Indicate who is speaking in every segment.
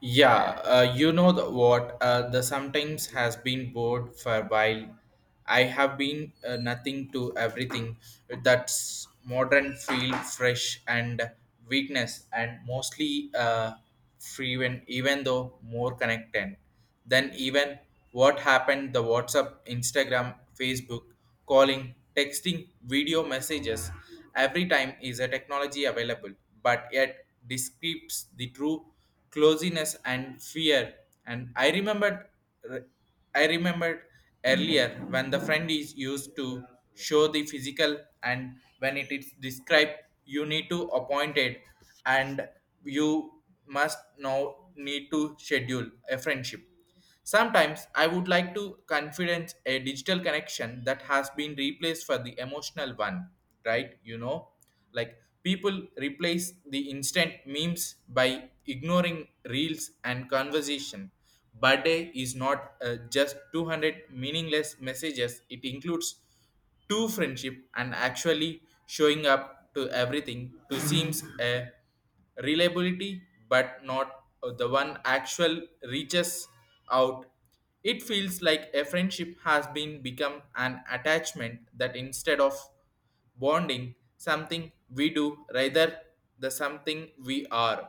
Speaker 1: Yeah, you know the, what? The sometimes has been bored for a while. I have been nothing to everything. That's modern feel fresh and weakness and mostly free when even though more connected. Then even what happened the WhatsApp, Instagram, Facebook, calling, texting, video messages. Every time is a technology available, but yet describes the true closeness and fear. And I remembered earlier when the friend is used to show the physical and when it is described, you need to appoint it and you must now need to schedule a friendship. Sometimes I would like to confidence a digital connection that has been replaced for the emotional one, right? You know, like people replace the instant memes by ignoring reels and conversation. Birthday is not just 200 meaningless messages, it includes to friendship and actually showing up to everything to seems a reliability but not the one actual reaches out. It feels like a friendship has been become an attachment that instead of bonding something we do rather the something we are.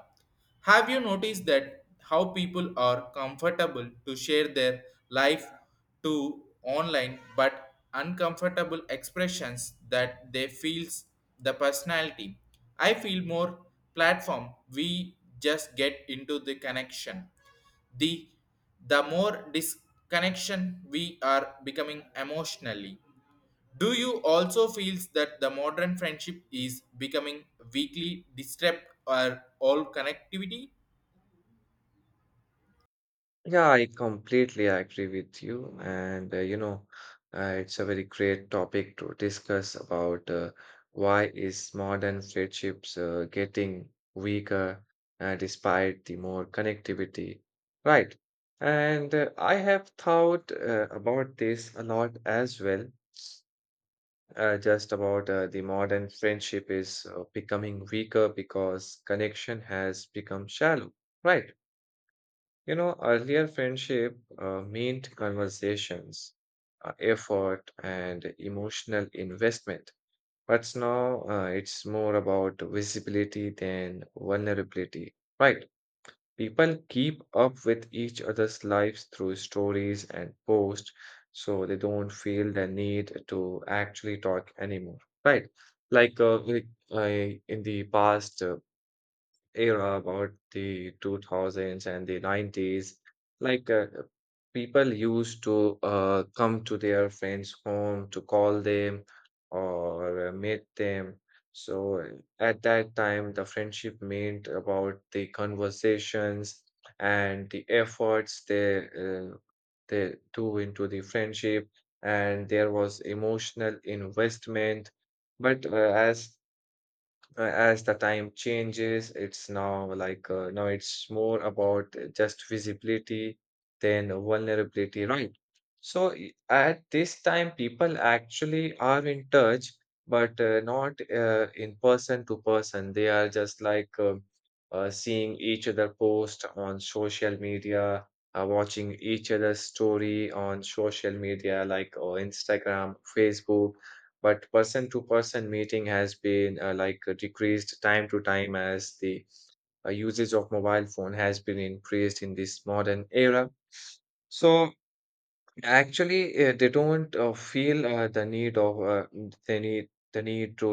Speaker 1: Have you noticed that how people are comfortable to share their life to online but uncomfortable expressions that they feels the personality? I feel more platform we just get into the connection. The the more disconnection we are becoming emotionally. Do you also feel that the modern friendship is becoming weakly disrupt or all connectivity?
Speaker 2: Yeah, I completely agree with you. It's a very great topic to discuss about why is modern friendships getting weaker despite the more connectivity, right? And I have thought about this a lot as well, just about the modern friendship is becoming weaker because connection has become shallow, right? You know, earlier friendship meant conversations, effort, and emotional investment. But now it's more about visibility than vulnerability, right? People keep up with each other's lives through stories and posts, so they don't feel the need to actually talk anymore, right? I in the past, era about the 2000s and the 90s like uh, people used to come to their friends home to call them or meet them, so at that time the friendship meant about the conversations and the efforts they do into the friendship, and there was emotional investment. But uh, as uh, as the time changes, it's now now it's more about just visibility than vulnerability, right? At this time, people actually are in touch, but not in person to person. They are just seeing each other post on social media, watching each other's story on social media like Instagram, Facebook. But person to person meeting has been decreased time to time as the usage of mobile phone has been increased in this modern era. So actually they don't feel the need of the need to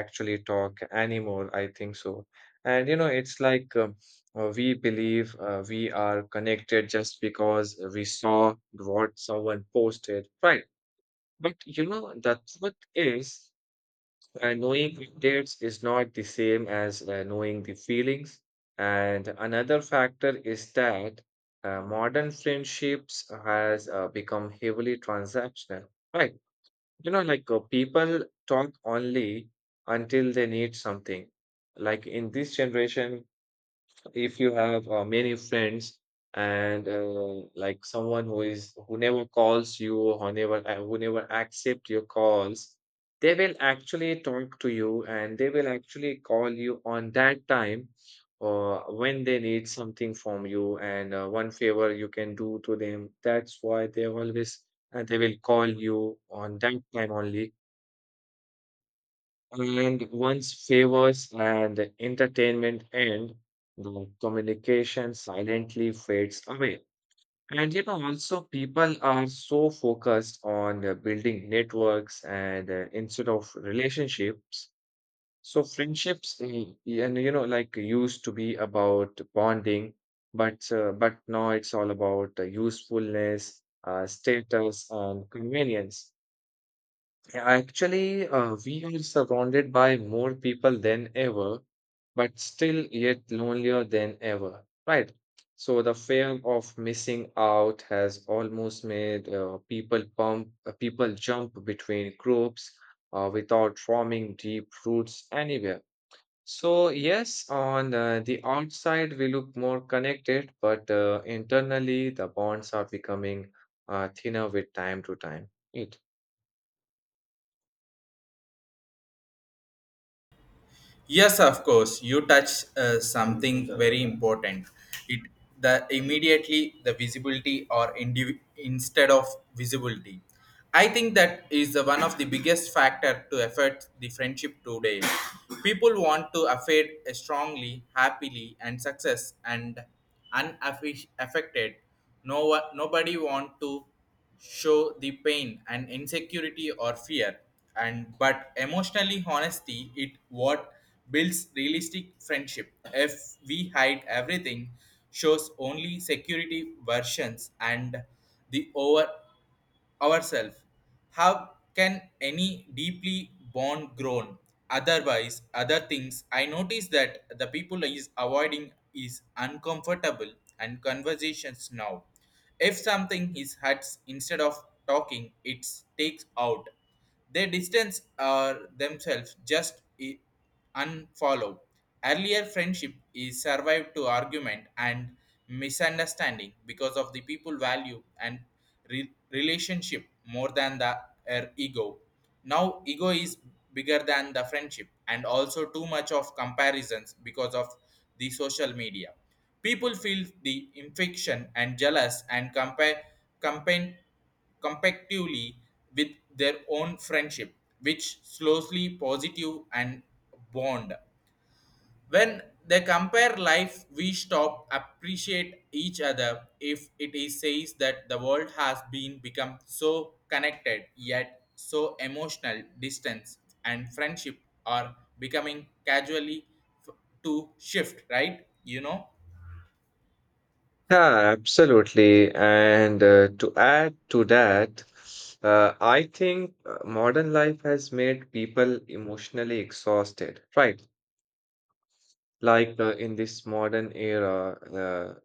Speaker 2: actually talk anymore, I think so. And you know, it's like we believe we are connected just because we saw what someone posted, right? But you know, the truth is, knowing the dates is not the same as knowing the feelings. And another factor is that modern friendships has become heavily transactional, right? You know, like people talk only until they need something. Like in this generation, if you have many friends and someone who never calls you or who never accept your calls, they will actually talk to you and they will actually call you on that time, or when they need something from you and one favor you can do to them, that's why they always— and they will call you on that time only. And once favors and entertainment end, the communication silently fades away. And you know, also people are so focused on building networks and instead of relationships. So friendships, and you know, like used to be about bonding, but now it's all about usefulness, status, and convenience. Yeah, actually, we are surrounded by more people than ever, but still yet lonelier than ever, right? So the fear of missing out has almost made people jump between groups without forming deep roots anywhere. So yes, on the outside we look more connected, but internally the bonds are becoming thinner with time to time. It.
Speaker 1: Yes, of course. You touch something very important. It the immediately the visibility or instead of visibility. I think that is the one of the biggest factor to affect the friendship today. People want to affect strongly, happily, and success and unaffected. No one, nobody want to show the pain and insecurity or fear and but emotionally honesty it what builds realistic friendship if we hide everything shows only security versions and the over ourselves. How can any deeply born grown? Otherwise, other things I notice that the people is avoiding is uncomfortable and conversations now. If something is huts instead of talking, it takes out. They distance themselves just unfollow. Earlier friendship is survived to argument and misunderstanding because of the people value and relationship more than the ego. Now ego is bigger than the friendship and also too much of comparisons because of the social media. People feel the infection and jealous and compare campaign compactively with their own friendship, which slowly positive and bond. When they compare life, we stop appreciate each other if it is says that the world has been become so connected yet so emotional distance and friendship are becoming casually f- to shift, right? You know.
Speaker 2: Yeah, absolutely. And to add to that, I think modern life has made people emotionally exhausted, right? Like in this modern era,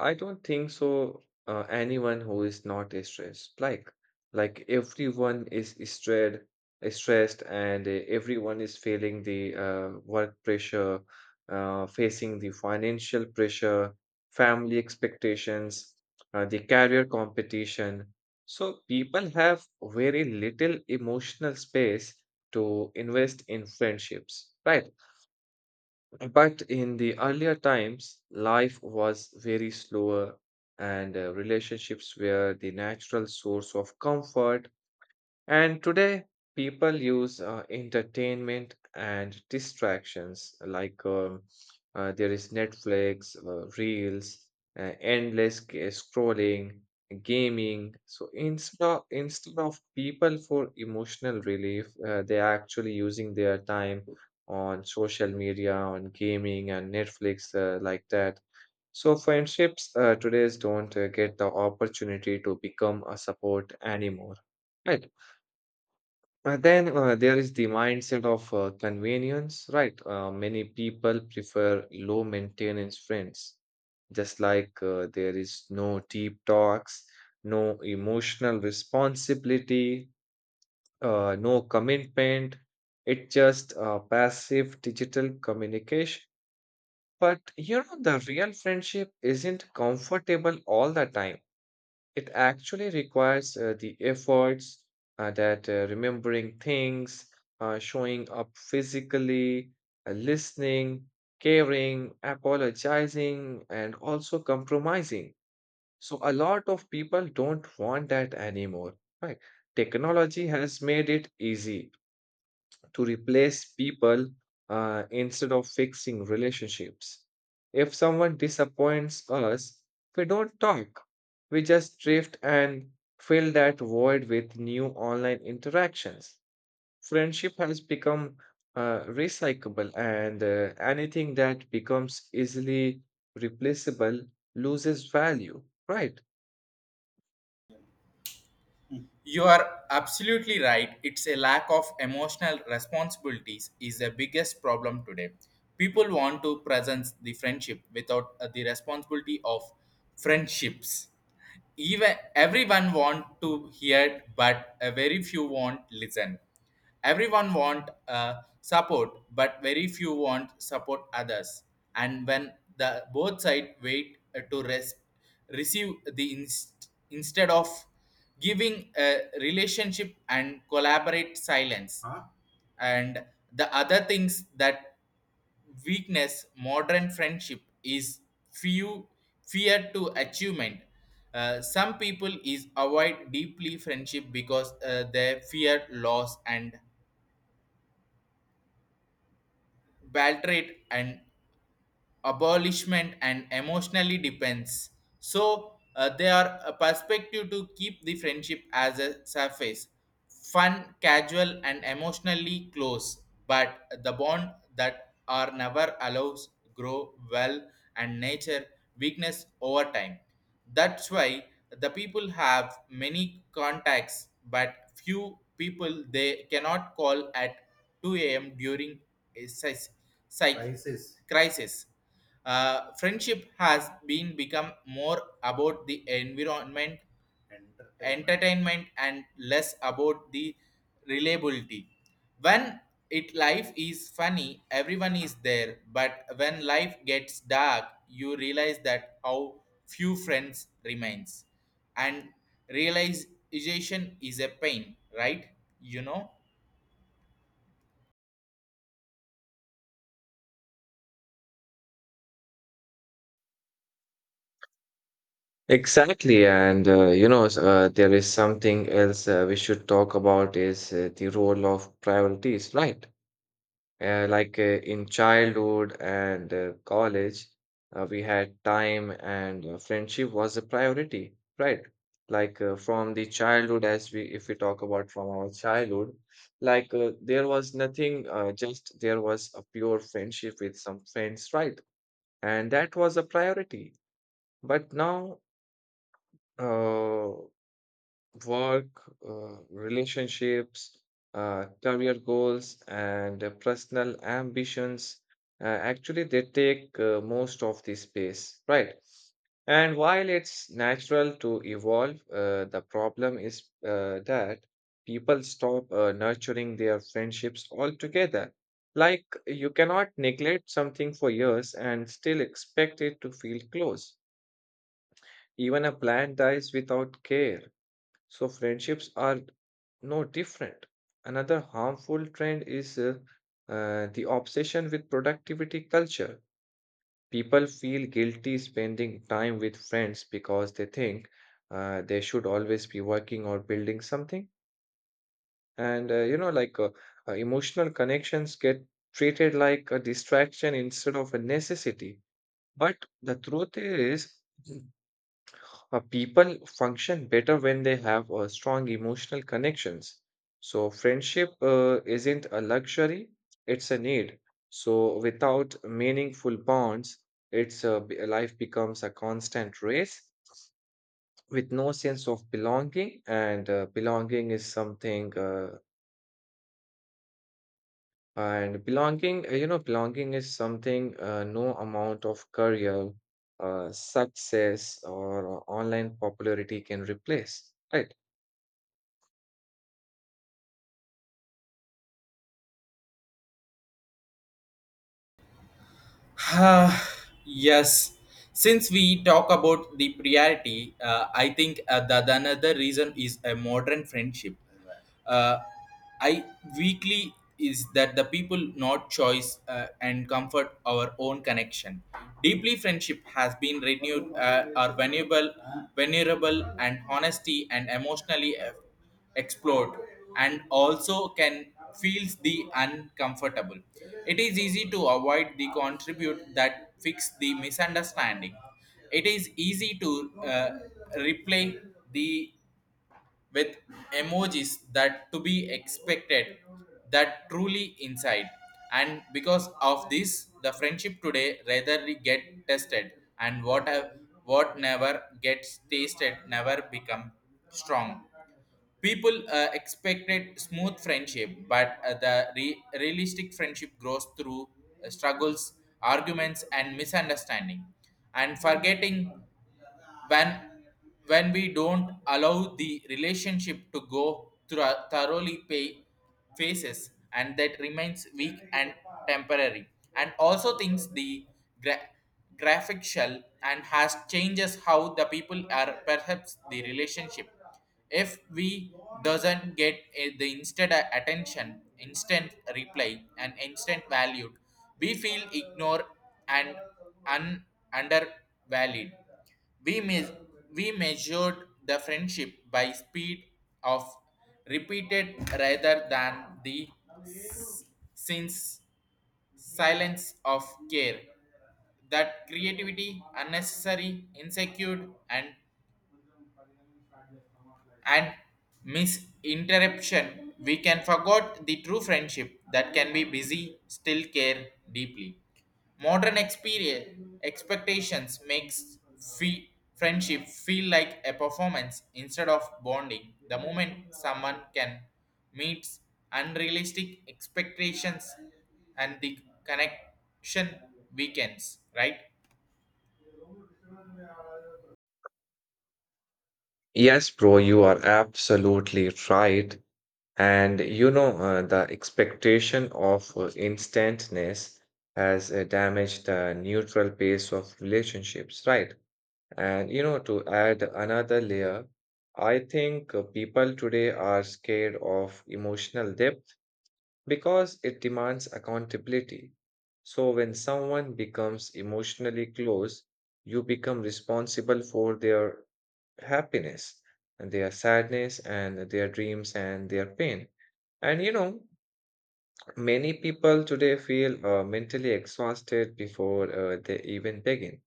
Speaker 2: I don't think so. Anyone who is not stressed, like everyone is stressed, and everyone is feeling the work pressure, facing the financial pressure, family expectations, the career competition. So people have very little emotional space to invest in friendships, right? But in the earlier times, life was very slower and relationships were the natural source of comfort. And today, people use entertainment and distractions like there is Netflix, Reels, scrolling, gaming. So instead of people for emotional relief, they are actually using their time on social media, on gaming and Netflix, like that. So friendships today don't get the opportunity to become a support anymore. Right. And then there is the mindset of convenience, right? Many people prefer low maintenance friends, just like there is no deep talks, no emotional responsibility, no commitment. It's just passive digital communication. But you know, the real friendship isn't comfortable all the time. It actually requires the efforts that remembering things, showing up physically, listening, caring, apologizing, and also compromising. So a lot of people don't want that anymore, right? Technology has made it easy to replace people instead of fixing relationships. If someone disappoints us, we don't talk. We just drift and fill that void with new online interactions. Friendship has become recyclable, and anything that becomes easily replaceable loses value, right?
Speaker 1: You are absolutely right. It's a lack of emotional responsibilities is the biggest problem today. People want to present the friendship without the responsibility of friendships, even everyone want to hear but a very few want listen. Everyone want support but very few want support others, and when the both side wait to receive the instead of giving a relationship and collaborate silence. Huh? And the other things that weakness modern friendship is few fear to achievement. Some people is avoid deeply friendship because they fear loss and betrayal and abolishment and emotionally depends, so they are a perspective to keep the friendship as a surface fun casual and emotionally close but the bond that are never allows grow well and nature weakness over time. That's why the people have many contacts but few people they cannot call at 2 a.m. during a psych crisis. Uh, friendship has been become more about the environment, entertainment, and less about the reliability. When it life is funny, everyone is there, but when life gets dark, you realize that how few friends remains, and realization is a pain, right? You know.
Speaker 2: Exactly, and there is something else we should talk about is the role of priorities, right? In childhood and college, we had time and friendship was a priority, right? Like from the childhood, as we if we talk about from our childhood, like there was nothing, just there was a pure friendship with some friends, right? And that was a priority. But now. Uh, Work, relationships, career goals, and personal ambitions. Actually, they take most of the space, right? And while it's natural to evolve, the problem is that people stop nurturing their friendships altogether. Like, you cannot neglect something for years and still expect it to feel close. Even a plant dies without care, so friendships are no different. Another harmful trend is the obsession with productivity culture. People feel guilty spending time with friends because they think they should always be working or building something. And emotional connections get treated like a distraction instead of a necessity. But the truth is, people function better when they have strong emotional connections. So friendship isn't a luxury, it's a need. So without meaningful bonds, life becomes a constant race with no sense of belonging. And and belonging, you know, belonging is something no amount of career, success, or online popularity can replace, right?
Speaker 1: Ah, yes. Since we talk about the priority, I think that another reason is a modern friendship. Uh, I weekly is that the people not choice and comfort our own connection. Deeply friendship has been renewed are valuable, venerable, and honesty and emotionally effort explode and also can feels the uncomfortable. It is easy to avoid the contribute that fix the misunderstanding. It is easy to uh, replay the with emojis that to be expected that truly inside, and because of this the friendship today rather get tested, and what have what never gets tasted never become strong. People expected smooth friendship, but the realistic friendship grows through struggles, arguments, and misunderstanding. And forgetting when when we don't allow the relationship to go through a thoroughly pay phases, and that remains weak and temporary. And also thinks the gra- graphic shell and has changes how the people are perhaps the relationship. If we doesn't get the instant attention, instant reply, and instant valued, we feel ignored and un- undervalued. We we measured the friendship by speed of repeated rather than the s- since silence of care. That creativity, unnecessary, insecure, and misinterruption, we can forget the true friendship that can be busy, still care deeply. Modern experience expectations makes fe- friendship feel like a performance instead of bonding. The moment someone can meets unrealistic expectations and the connection weakens, right?
Speaker 2: Yes, bro, you are absolutely right. And you know, the expectation of instantness has damaged the neutral base of relationships, right? And you know, to add another layer, I think people today are scared of emotional depth because it demands accountability. So when someone becomes emotionally close, you become responsible for their happiness, and their sadness, and their dreams and their pain. And you know, many people today feel mentally exhausted before they even begin.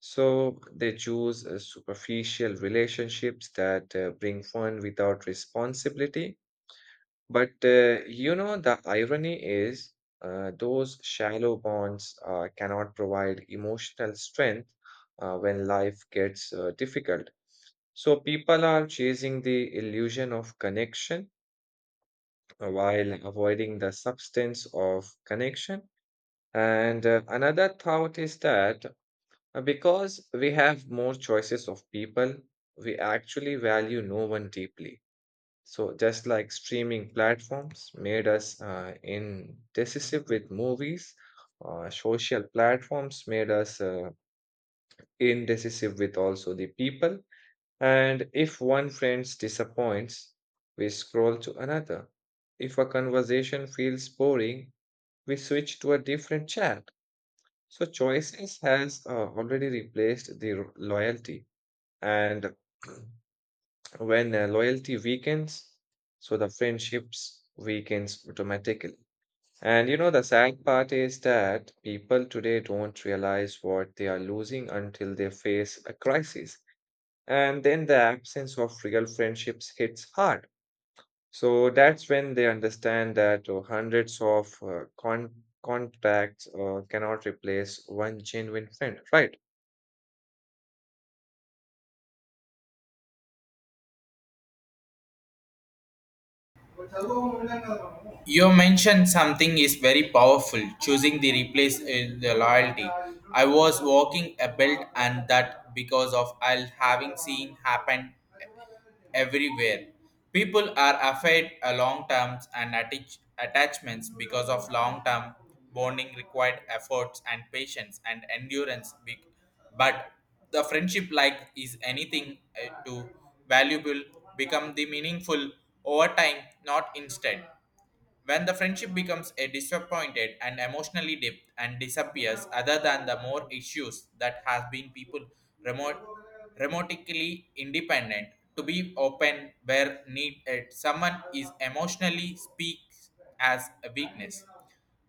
Speaker 2: So they choose superficial relationships that bring fun without responsibility. But You know, the irony is those shallow bonds cannot provide emotional strength when life gets difficult. So people are chasing the illusion of connection while avoiding the substance of connection. And another thought is that because we have more choices of people, we actually value no one deeply. So just like streaming platforms made us indecisive with movies, social platforms made us indecisive with also the people. And if one friend disappoints, we scroll to another. If a conversation feels boring, we switch to a different chat. So choices has already replaced loyalty. And when loyalty weakens, so the friendships weakens automatically. And you know, the sad part is that people today don't realize what they are losing until they face a crisis. And then the absence of real friendships hits hard. So that's when they understand that hundreds of contacts cannot replace one genuine friend, right?
Speaker 1: You mentioned something is very powerful, choosing the replace is the loyalty. I was walking a belt and that because of I'll having seen happen everywhere. People are afraid a long terms and attachments because of long term bonding required efforts and patience and endurance. But the friendship like is anything to valuable become the meaningful over time, not instead. When the friendship becomes a disappointed and emotionally dipped and disappears, other than the more issues that has been people remote, remotely independent to be open where needed, someone is emotionally speaks as a weakness.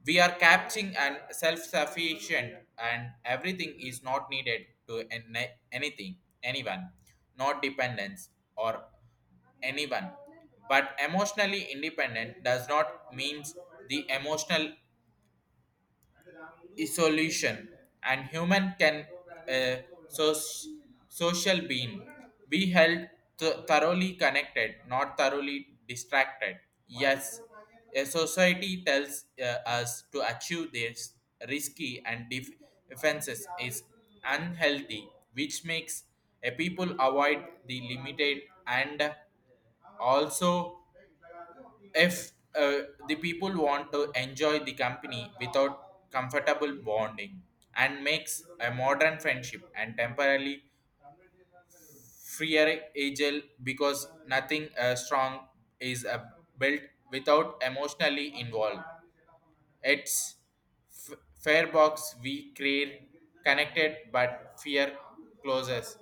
Speaker 1: We are capturing and self-sufficient, and everything is not needed to anything, anyone, not dependence or anyone. But emotionally independent does not means the emotional isolation. And human can a social being be held thoroughly connected, not thoroughly distracted. Yes, a society tells us to achieve this risky and defenses is unhealthy, which makes a people avoid the limited, and also if the people want to enjoy the company without comfortable bonding and makes a modern friendship and temporarily freer agile because nothing strong is built without emotionally involved. It's fair box we create, connected but fear closes.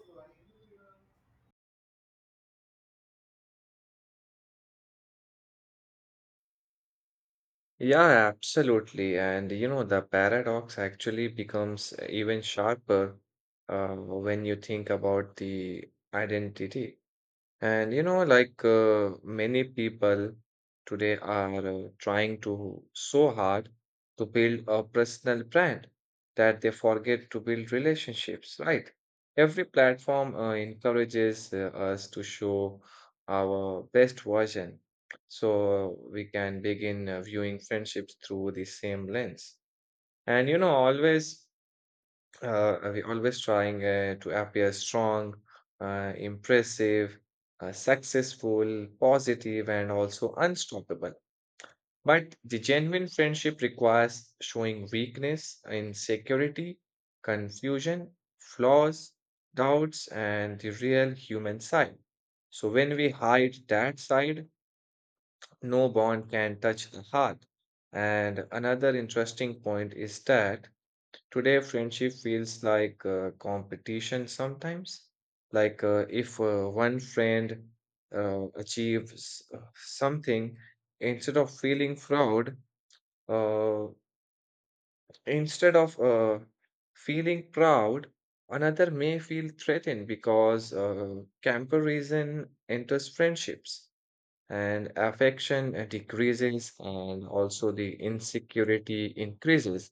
Speaker 2: Yeah, absolutely. And you know, the paradox actually becomes even sharper when you think about the identity. And you know, like many people today are trying to so hard to build a personal brand that they forget to build relationships, right? Every platform encourages us to show our best version, so we can begin viewing friendships through the same lens. And you know, always we always trying to appear strong, impressive, successful, positive, and also unstoppable. But the genuine friendship requires showing weakness, insecurity, confusion, flaws, doubts, and the real human side. So when we hide that side, no bond can touch the heart. And another interesting point is that today, friendship feels like competition sometimes. Like if one friend achieves something, instead of feeling proud, uh, instead of feeling proud, another may feel threatened because comparison enters friendships and affection decreases, and also the insecurity increases.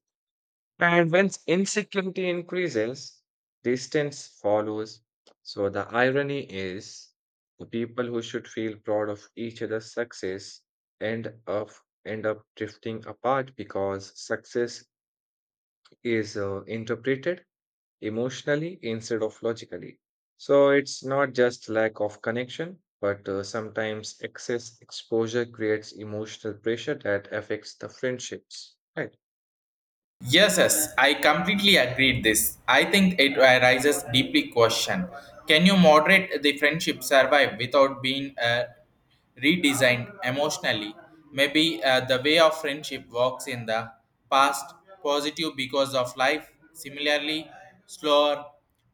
Speaker 2: And when insecurity increases, distance follows. So the irony is the people who should feel proud of each other's success end up end up drifting apart because success is interpreted emotionally instead of logically. So it's not just lack of connection, but sometimes excess exposure creates emotional pressure that affects the friendships. Right.
Speaker 1: Yes, yes, I completely agreed this. I think it arises deeply question. Can you moderate the friendship survive without being redesigned emotionally? Maybe the way of friendship works in the past positive because of life, similarly slower.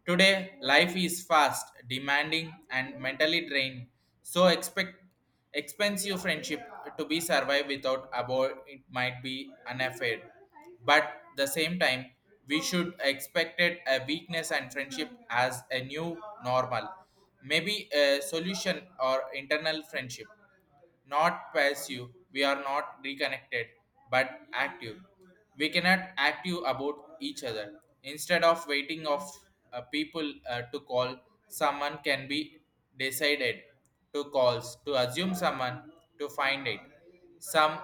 Speaker 1: Today, life is fast, demanding, and mentally drained. So expect expensive friendship to be survived without about it might be unaffair, but the same time we should expect it a weakness and friendship as a new normal. Maybe a solution or internal friendship, not passive we are not reconnected but active. We cannot active about each other instead of waiting of people to call. Someone can be decided to calls to assume someone to find it some.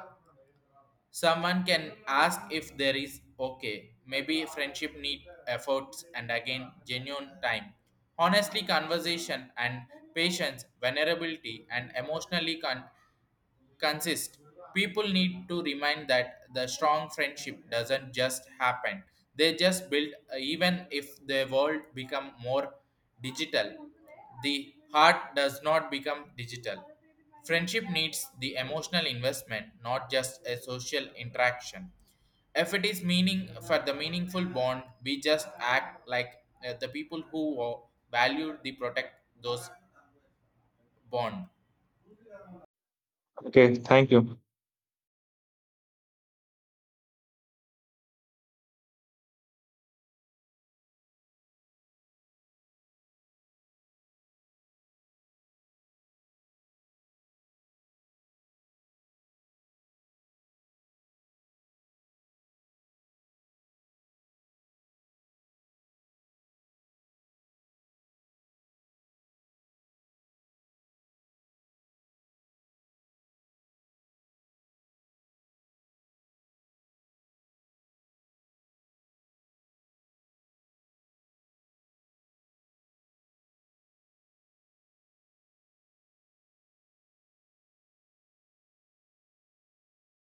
Speaker 1: Someone can ask if there is okay. Maybe friendship need efforts and again genuine time. Honestly, conversation and patience, vulnerability and emotionally consist. People need to remind that the strong friendship doesn't just happen, they just build even if the world become more digital. The heart does not become digital. Friendship needs the emotional investment not just a social interaction. If it is meaning for the meaningful bond we just act like the people who value the protect those bond.
Speaker 2: Okay, thank you.